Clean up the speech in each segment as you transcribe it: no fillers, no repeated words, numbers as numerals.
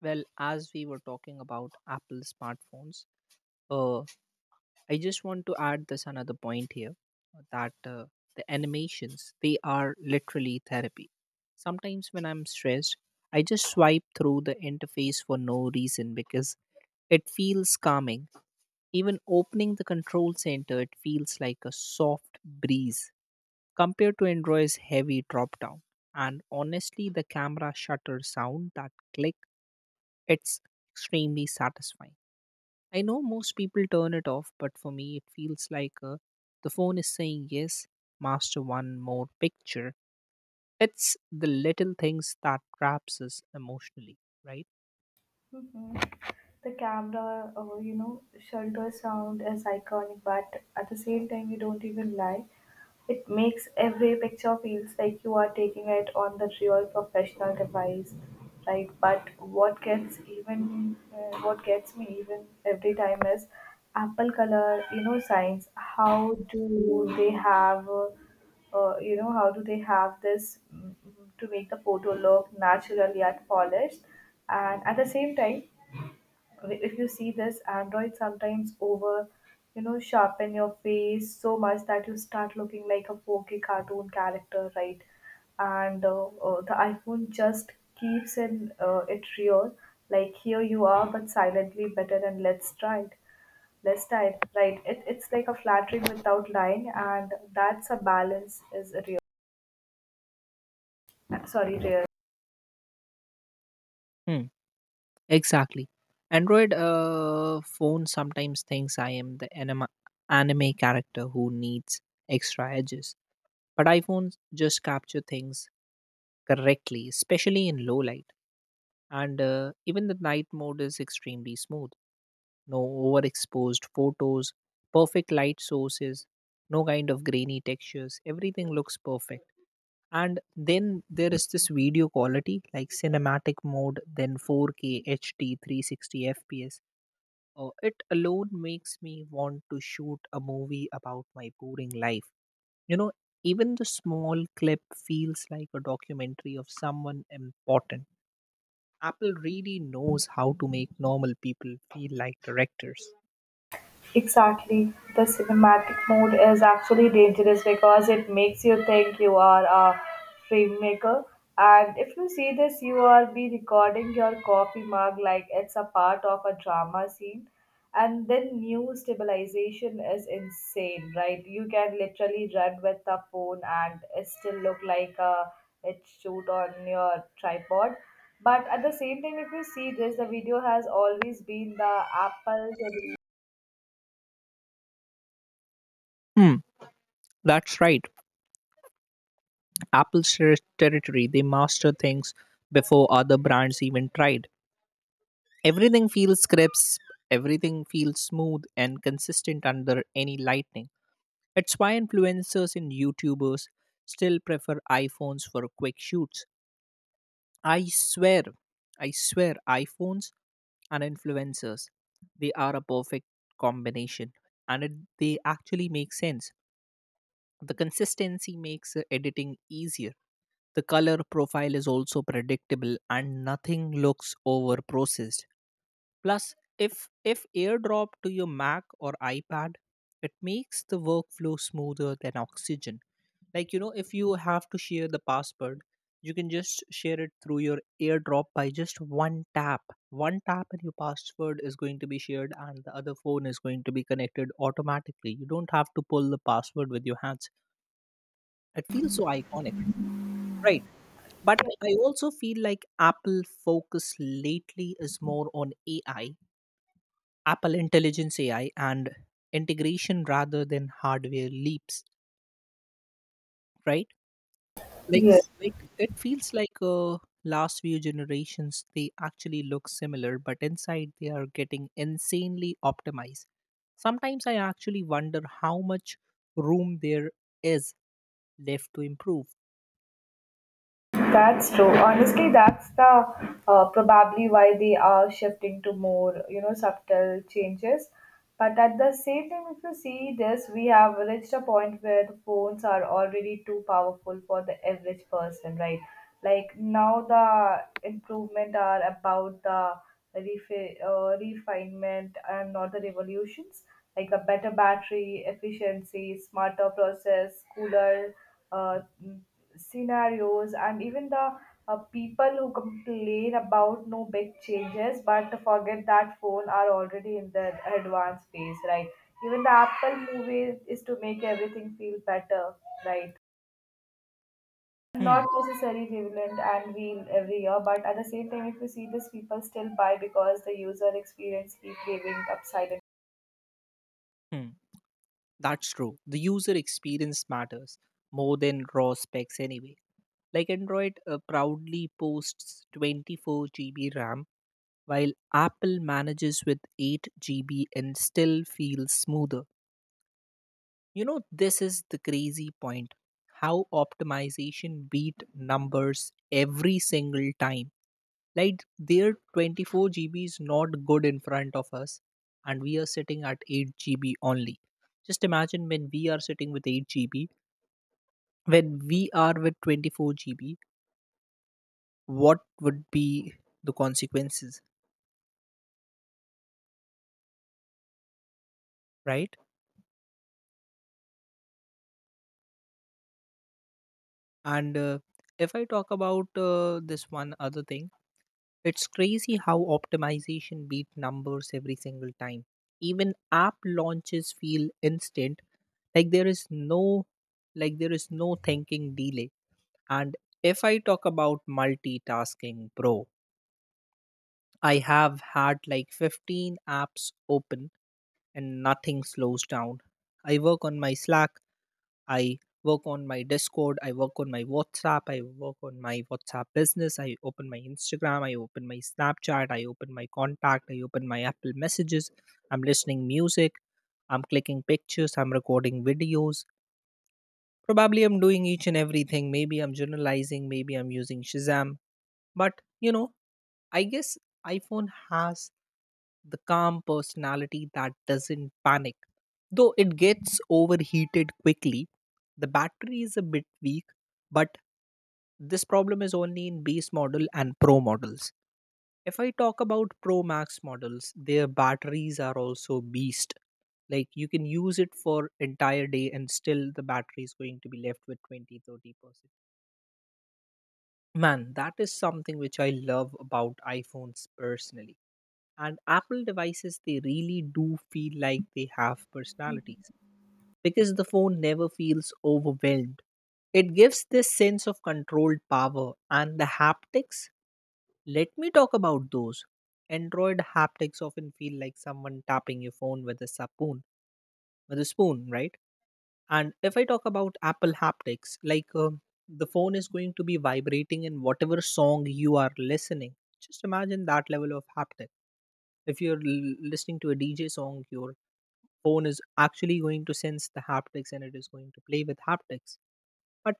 Well, as we were talking about Apple smartphones, uh, I just want to add this another point here that the animations, they are literally therapy. Sometimes when I'm stressed, I just swipe through the interface for no reason because it feels calming. Even opening the control center, it feels like a soft breeze compared to Android's heavy drop down. And honestly, the camera shutter sound, that click, it's extremely satisfying. I know most people turn it off, but for me, it feels like the phone is saying, "Yes, master, one more picture." It's the little things that traps us emotionally, right? hmm The camera, shelter sound is iconic, but at the same time, you don't even lie. It makes every picture feels like you are taking it on the real professional device, right? But what gets even, what gets me even every time is Apple color, signs. How do they have? How do they have this to make the photo look natural yet polished? And at the same time, if you see this android sometimes over sharpen your face so much that you start looking like a pokey cartoon character, right? And the iphone just keeps in it real, like here you are but silently better. And let's try it, right? It's like a flattering without lying, and that's a balance is real, sorry, real. Hmm. Exactly. Android phone sometimes thinks I am the anime character who needs extra edges, but iPhones just capture things correctly, especially in low light. And even the night mode is extremely smooth. No overexposed photos, perfect light sources, no kind of grainy textures. Everything looks perfect. And then there is this video quality like cinematic mode, then 4K HD 360 FPS. It alone makes me want to shoot a movie about my boring life. You know, even the small clip feels like a documentary of someone important. Apple really knows how to make normal people feel like directors. Exactly. The cinematic mode is actually dangerous because it makes you think you are a filmmaker. And if you see this, you are be recording your coffee mug like it's a part of a drama scene. And then new stabilization is insane, right? You can literally run with the phone and it still look like a it shoot on your tripod. But at the same time, if you see this, the video has always been the Apple. Hmm, that's right. Apple shares territory. They master things before other brands even tried. Everything feels crisp, everything feels smooth and consistent under any lighting. It's why influencers and YouTubers still prefer iPhones for quick shoots. I swear, I swear, iPhones and influencers, they are a perfect combination, and they actually make sense. The consistency makes editing easier. The color profile is also predictable and nothing looks over processed. Plus, if airdrop to your Mac or iPad, it makes the workflow smoother than oxygen. Like you know, if you have to share the password, you can just share it through your airdrop by just one tap. One tap and your password is going to be shared and the other phone is going to be connected automatically. You don't have to pull the password with your hands. It feels so iconic. Right. But I also feel like Apple focus lately is more on AI, Apple Intelligence AI, and integration rather than hardware leaps, right? Like, s- Yes, like it feels like last few generations they actually look similar, but inside they are getting insanely optimized. Sometimes I actually wonder how much room there is left to improve. that's true. Honestly, that's the probably why they are shifting to more, subtle changes. But at the same time, if you see this, we have reached a point where the phones are already too powerful for the average person, right? Like now, the improvement are about the refinement and not the revolutions, like a better battery efficiency, smarter process, cooler uh, scenarios, and even the people who complain about no big changes but forget that phone are already in the advanced phase, right? Even the apple movie is to make everything feel better, right? Not Hmm. necessarily relevant and real every year, but at the same time, if you see this, people still buy because the user experience keep giving upside. Hmm. That's true. The user experience matters more than raw specs anyway. Like Android proudly posts 24 GB RAM, while Apple manages with 8 GB and still feels smoother. You know, this is the crazy point how optimization beat numbers every single time. Like their 24 GB is not good in front of us, and we are sitting at 8 GB only. Just imagine when we are sitting with 8 GB when we are with 24 GB, what would be the consequences, right? And if I talk about this one other thing, it's crazy how optimization beat numbers every single time. Even app launches feel instant, like there is no, like there is no thinking delay. And if I talk about multitasking, bro, I have had like 15 apps open and nothing slows down. I work on my Slack, I work on my Discord, I work on my WhatsApp, I work on my WhatsApp business, I open my Instagram, I open my Snapchat, I open my contact, I open my Apple messages, I'm listening music, I'm clicking pictures, I'm recording videos. Probably I'm doing each and everything. Maybe I'm journalizing, maybe I'm using Shazam. But you know, I guess iPhone has the calm personality that doesn't panic. Though it gets overheated quickly, the battery is a bit weak, but this problem is only in base model and pro models. If I talk about Pro Max models, their batteries are also beast. Like you can use it for entire day and still the battery is going to be left with 20-30%. Man, that is something which I love about iPhones personally, and Apple devices, they really do feel like they have personalities because the phone never feels overwhelmed. It gives this sense of controlled power. And the haptics, let me talk about those. Android haptics often feel like someone tapping your phone with a spoon, with a spoon, right? And if I talk about Apple haptics, like the phone is going to be vibrating in whatever song you are listening. Just imagine that level of haptic. If you're listening to a DJ song, your phone is actually going to sense the haptics and it is going to play with haptics. But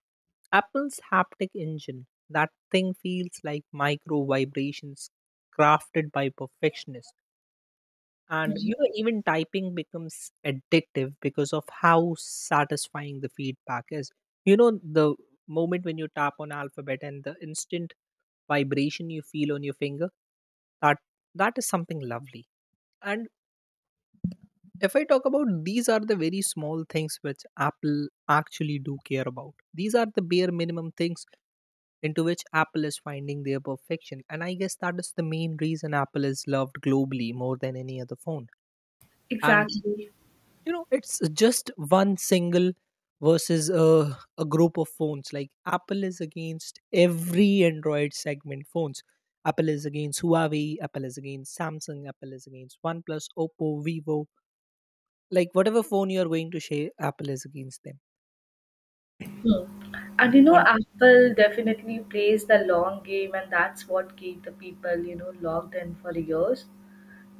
Apple's haptic engine, that thing feels like micro vibrations crafted by perfectionists. And you know, even typing becomes addictive because of how satisfying the feedback is. You know, the moment when you tap on alphabet and the instant vibration you feel on your finger, that that is something lovely. And if I talk about, these are the very small things which Apple actually do care about. These are the bare minimum things into which Apple is finding their perfection, and I guess that is the main reason Apple is loved globally more than any other phone. And Exactly. you know, it's just one single versus a group of phones. Like Apple is against every Android segment phones. Apple is against Huawei, Apple is against Samsung, Apple is against OnePlus, Oppo, Vivo. Like whatever phone you are going to share, Apple is against them. Hmm. And you know, And Apple definitely plays the long game, and that's what keep the people, you know, logged in for years.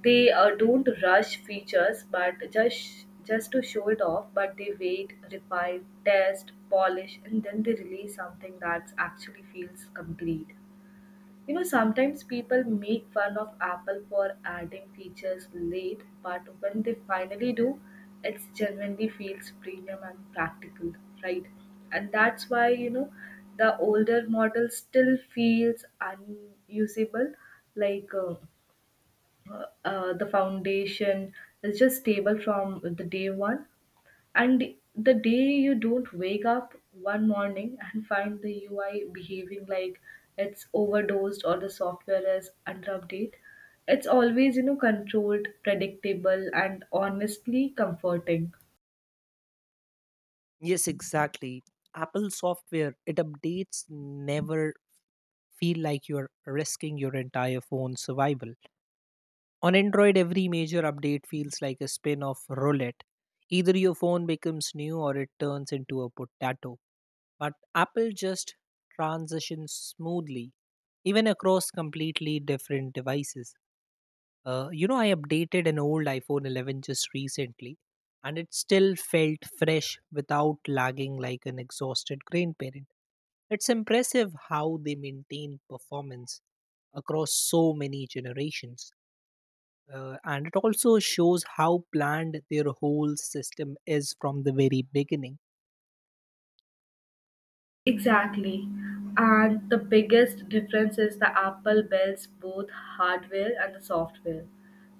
They don't rush features, but just to show it off. But they wait, refine, test, polish, and then they release something that actually feels complete. You know, sometimes people make fun of Apple for adding features late, but when they finally do, it genuinely feels premium and practical, right? And that's why, you know, the older model still feels unusable, like the foundation is just stable from the day one, and the day you don't wake up one morning and find the UI behaving like it's overdosed or the software is under update, it's always, you know, controlled, predictable, and honestly comforting. yes, exactly, Apple software, it updates never feel like you're risking your entire phone survival. On Android, every major update feels like a spin off roulette. Either your phone becomes new or it turns into a potato. But Apple just transitions smoothly, even across completely different devices. You know, I updated an old iPhone 11 just recently, and it still felt fresh without lagging like an exhausted grandparent. It's impressive how they maintain performance across so many generations. And it also shows how planned their whole system is from the very beginning. Exactly. And the biggest difference is the Apple builds both hardware and the software.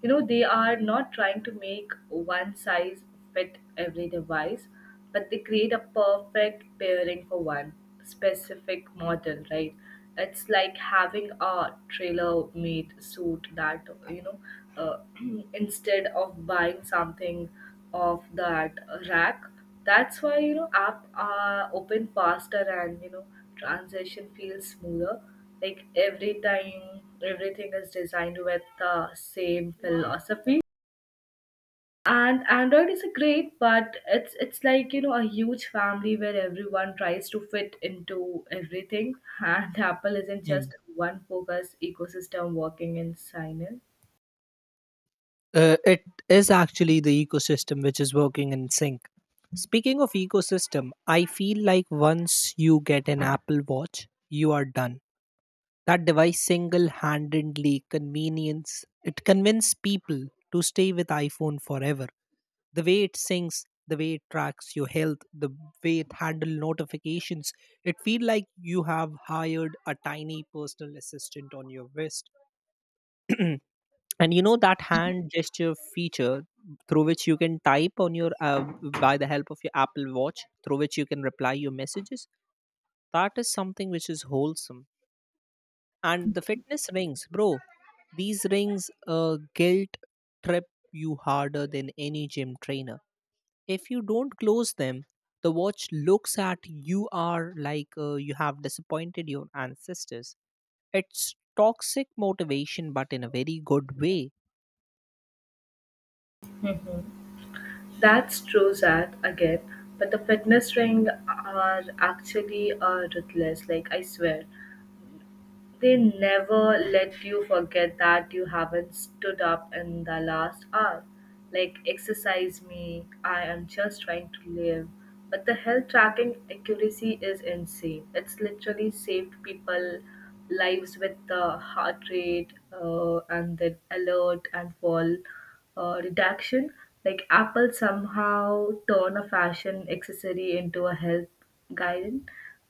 You know, they are not trying to make one size fit every device, but they create a perfect pairing for one specific model, right? It's like having a trailer made suit that, you know, uh, instead of buying something off that rack. That's why, you know, app open faster and, you know, transition feels smoother. Like every time, everything is designed with the same philosophy, and android is a great but it's like, you know, a huge family where everyone tries to fit into everything, and apple isn't Hmm. just one focused ecosystem working in silence. It is actually the ecosystem which is working in sync. Speaking of ecosystem, I feel like once you get an Apple Watch, you are done. That device single-handedly convenience it convinced people to stay with iPhone forever. The way it sings, the way it tracks your health, the way it handles notifications, it feels like you have hired a tiny personal assistant on your wrist. And you know, that hand gesture feature through which you can type on your by the help of your Apple Watch, through which you can reply your messages. That is something which is wholesome. And the fitness rings, bro. These rings guilt trip you harder than any gym trainer. If you don't close them, the watch looks at you are like you have disappointed your ancestors. It's toxic motivation, but in a very good way. That's true, Zach. Again, but the fitness ring are actually ruthless, like I swear. They never let you forget that you haven't stood up in the last hour. Like, exercise me, I am just trying to live. But the health tracking accuracy is insane. It's literally saved people lives with the heart rate and the alert and fall redaction. Like Apple somehow turn a fashion accessory into a health guidance,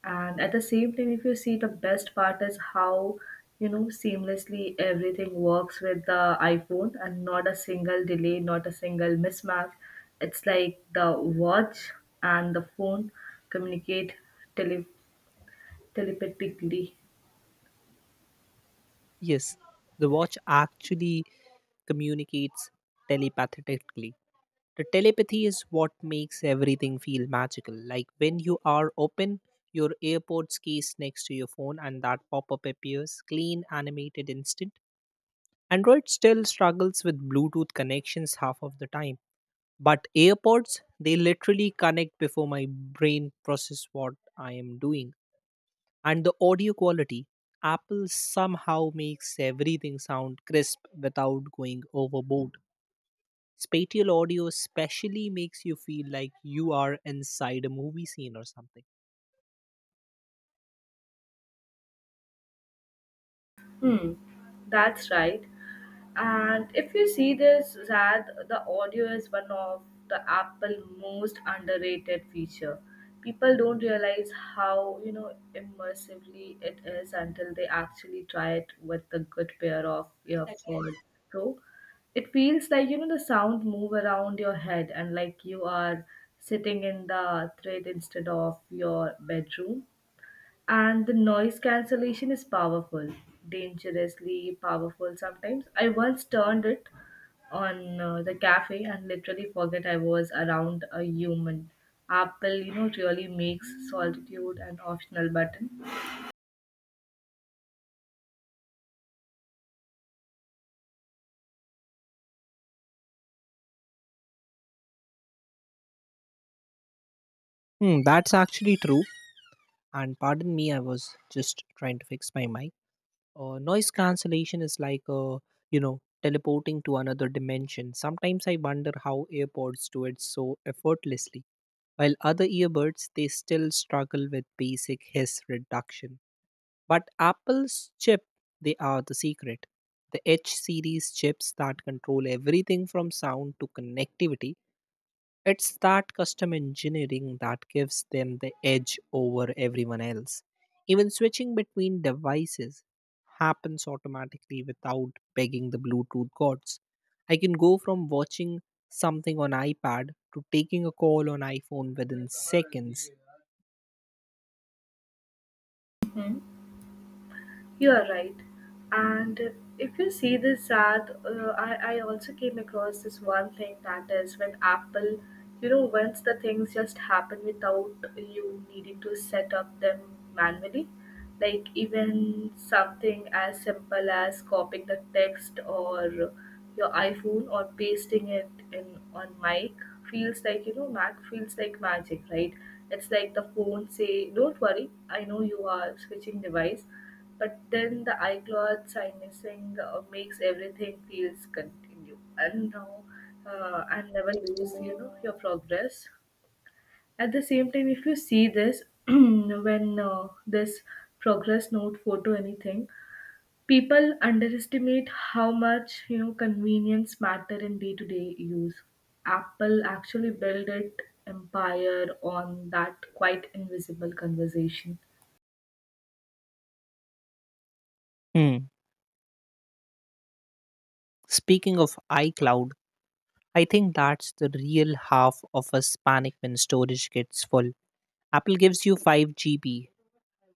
and at the same time, if you see, the best part is how, you know, seamlessly everything works with the iPhone, and not a single delay, not a single mismatch. It's like the watch and the phone communicate tele- telepathically. Yes, the watch actually communicates telepathetically. The telepathy is what makes everything feel magical. Like when you are open your AirPods case next to your phone and that pop-up appears clean, animated, instant. Android still struggles with Bluetooth connections half of the time. But AirPods, they literally connect before my brain process what I am doing. And the audio quality, Apple somehow makes everything sound crisp without going overboard. Spatial audio especially makes you feel like you are inside a movie scene or something. Hmm, that's right. And if you see this, Zad, the audio is one of the Apple most underrated feature. People don't realize how, you know, immersively it is until they actually try it with a good pair of earpods. So it feels like, you know, the sound move around your head and like you are sitting in the thread instead of your bedroom, and the noise cancellation is powerful, dangerously powerful. Sometimes I once turned it on, the cafe, and literally forget I was around a human. Apple, you know, really makes solitude an optional button. Hmm, that's actually true. And pardon me, I was just trying to fix my mic. Noise cancellation is like you know, teleporting to another dimension. Sometimes I wonder how AirPods do it so effortlessly, while other earbuds they still struggle with basic hiss reduction. But Apple's chip, they are the secret. The H series chips that control everything from sound to connectivity, it's that custom engineering that gives them the edge over everyone else. Even switching between devices happens automatically without begging the Bluetooth gods. I can go from watching something on iPad to taking a call on iPhone within seconds. Mhm. You are right. And if you see this ad, I also came across this one thing, that is when Apple, you know, once the things just happen without you needing to set up them manually, like even something as simple as copying the text or your iPhone or pasting it in on mic feels like, you know, Mac feels like magic, right? It's like the phone say, don't worry, I know you are switching device, but then the iCloud signing makes everything feels continue. And now and never lose, you know, your progress. At the same time, if you see this, when this progress note photo anything, people underestimate how much, you know, convenience matter in day-to-day use. Apple actually built its empire on that quite invisible conversation. Hmm. Speaking of iCloud, I think that's the real half of us panic when storage gets full. Apple gives you 5 GB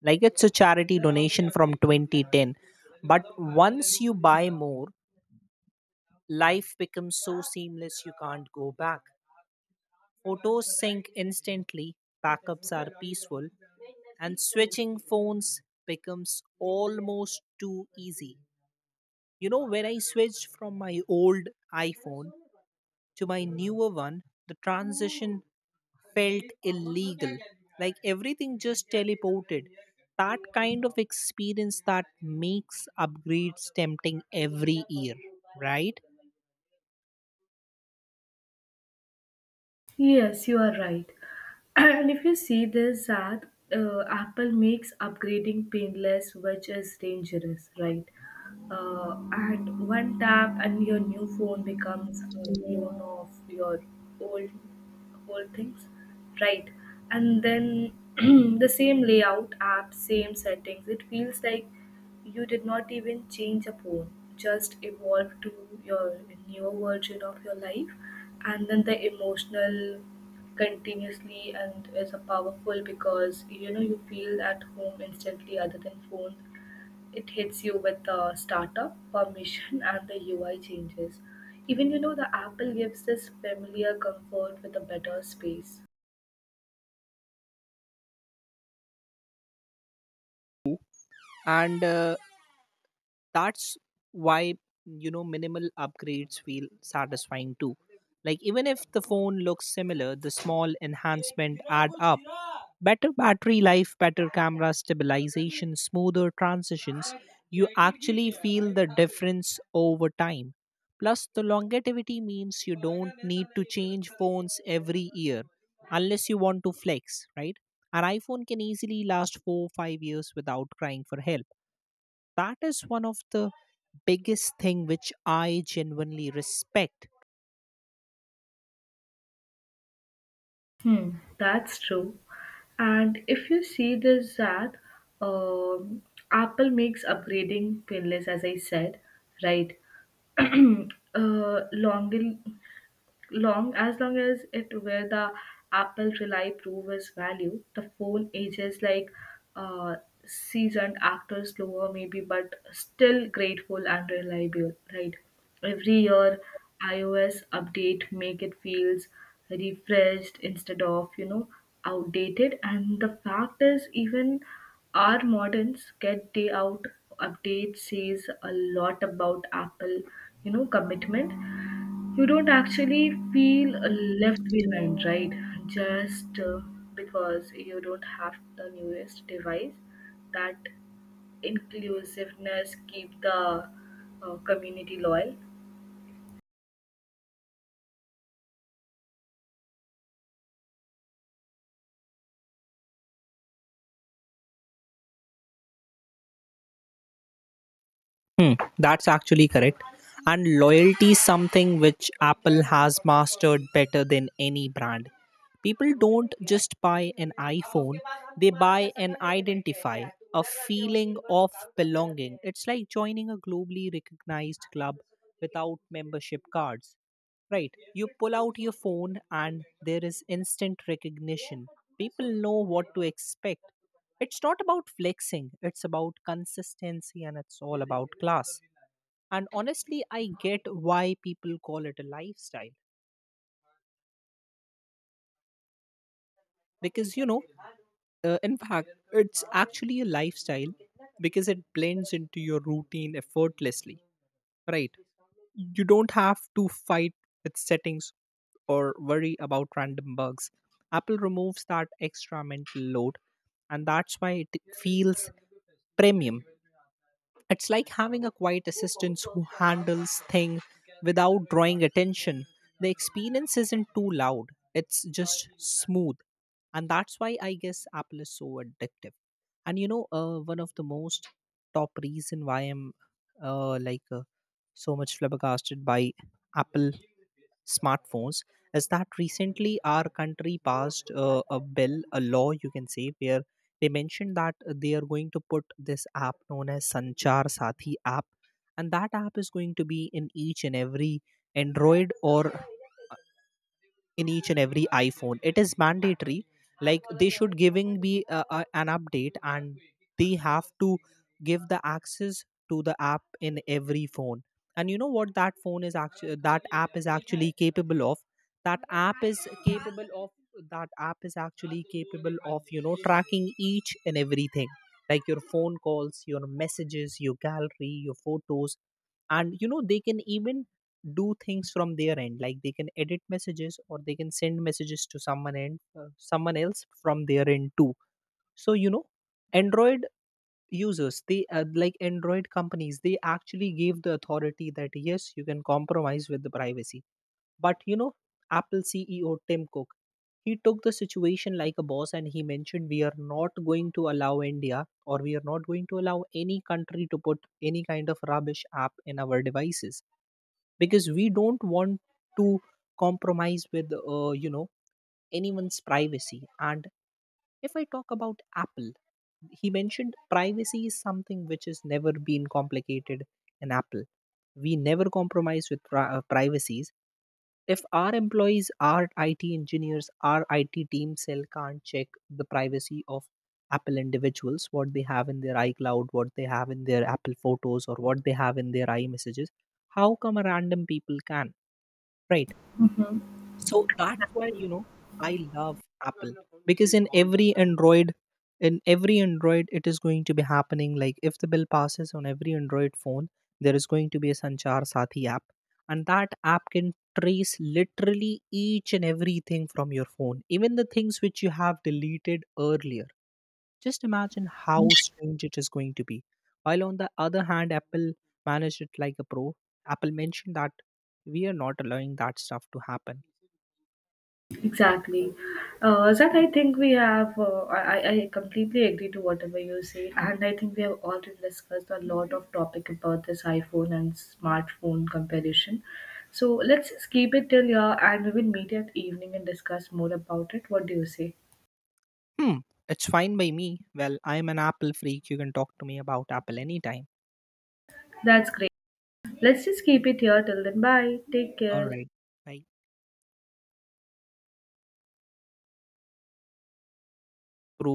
like it's a charity donation from 2010. But once you buy more, life becomes so seamless you can't go back. Photos sync instantly, backups are peaceful, and switching phones becomes almost too easy. You know, when I switched from my old iPhone to my newer one, the transition felt illegal, like everything just teleported. That kind of experience that makes upgrades tempting every year, right? Yes, you are right. And if you see this, that Apple makes upgrading painless, which is dangerous, right? And one tap, and your new phone becomes a clone of your old old things, right? And then the same layout, app, same settings. It feels like you did not even change a phone, just evolved to your new version of your life. And then the emotional continuously and is a powerful because, you know, you feel at home instantly other than phone. It hits you with the startup, permission and the UI changes. Even, you know, the Apple gives this familiar comfort with a better space. And that's why, you know, minimal upgrades feel satisfying too. Like even if the phone looks similar, the small enhancement add up. Better battery life, better camera stabilization, smoother transitions. You actually feel the difference over time. Plus, the longevity means you don't need to change phones every year unless you want to flex, right? An iPhone can easily last 4 or 5 years without crying for help. That is one of the biggest thing which I genuinely respect. Hmm, that's true. And if you see this, that um Apple makes upgrading painless, as I said, right? uh, longer long as it where the apple rely prove its value. The phone ages like uh, seasoned actors, slower maybe but still grateful and reliable, right? Every year ios update make it feels refreshed instead of, you know, outdated, and the fact is even our moderns get day out update says a lot about apple, you know, commitment. You don't actually feel left behind, right? Just because you don't have the newest device. That inclusiveness keep the community loyal. Hmm, that's actually correct. And loyalty is something which Apple has mastered better than any brand. People don't just buy an iPhone, they buy an identify, a feeling of belonging. It's like joining a globally recognized club without membership cards. Right. You pull out your phone and there is instant recognition. People know what to expect. It's not about flexing, it's about consistency, and it's all about class. And honestly, I get why people call it a lifestyle. Because, in fact, it's actually a lifestyle because it blends into your routine effortlessly. Right. You don't have to fight with settings or worry about random bugs. Apple removes that extra mental load, and that's why it feels premium. It's like having a quiet assistant who handles things without drawing attention. The experience isn't too loud, it's just smooth. And that's why I guess Apple is so addictive. And one of the most top reason why I'm like so much flabbergasted by Apple smartphones is that recently our country passed a bill, a law, you can say, where they mentioned that they are going to put this app known as Sanchar Sathi app, and that app is going to be in each and every Android, or in each and every iPhone, it is mandatory. Like they should giving me an update, and they have to give the access to the app in every phone. And you know what, that phone is actually, that app is actually capable of, that app is capable of, that app is actually capable of tracking each and everything, like your phone calls, your messages, your gallery, your photos. And they can even do things from their end, like they can edit messages, or they can send messages to someone and someone else from their end too. So Android users, they like Android companies, they actually gave the authority that yes, you can compromise with the privacy. But Apple CEO Tim Cook, he took the situation like a boss, and he mentioned we are not going to allow India, or we are not going to allow any country to put any kind of rubbish app in our devices, because we don't want to compromise with anyone's privacy. And if I talk about Apple, he mentioned privacy is something which has never been complicated in Apple. We never compromise with privacies. If our employees, our IT engineers, our IT team cell can't check the privacy of Apple individuals, what they have in their iCloud, what they have in their Apple photos, or what they have in their iMessages, how come a random people can, right? So that's why I love Apple, because in every Android it is going to be happening. Like if the bill passes, on every Android phone there is going to be a Sanchar Sathi app, and that app can trace literally each and everything from your phone, even the things which you have deleted earlier. Just imagine how strange it is going to be. While on the other hand, Apple managed it like a pro. Apple mentioned that we are not allowing that stuff to happen. Exactly. Zach, I think we have, I completely agree to whatever you say. And I think we have already discussed a lot of topic about this iPhone and smartphone comparison. So let's just keep it till here and we will meet at evening and discuss more about it. What do you say? Hmm, it's fine by me. Well, I'm an Apple freak. You can talk to me about Apple anytime. That's great. Let's just keep it here till then. Bye. Take All care. right. Bye. Prove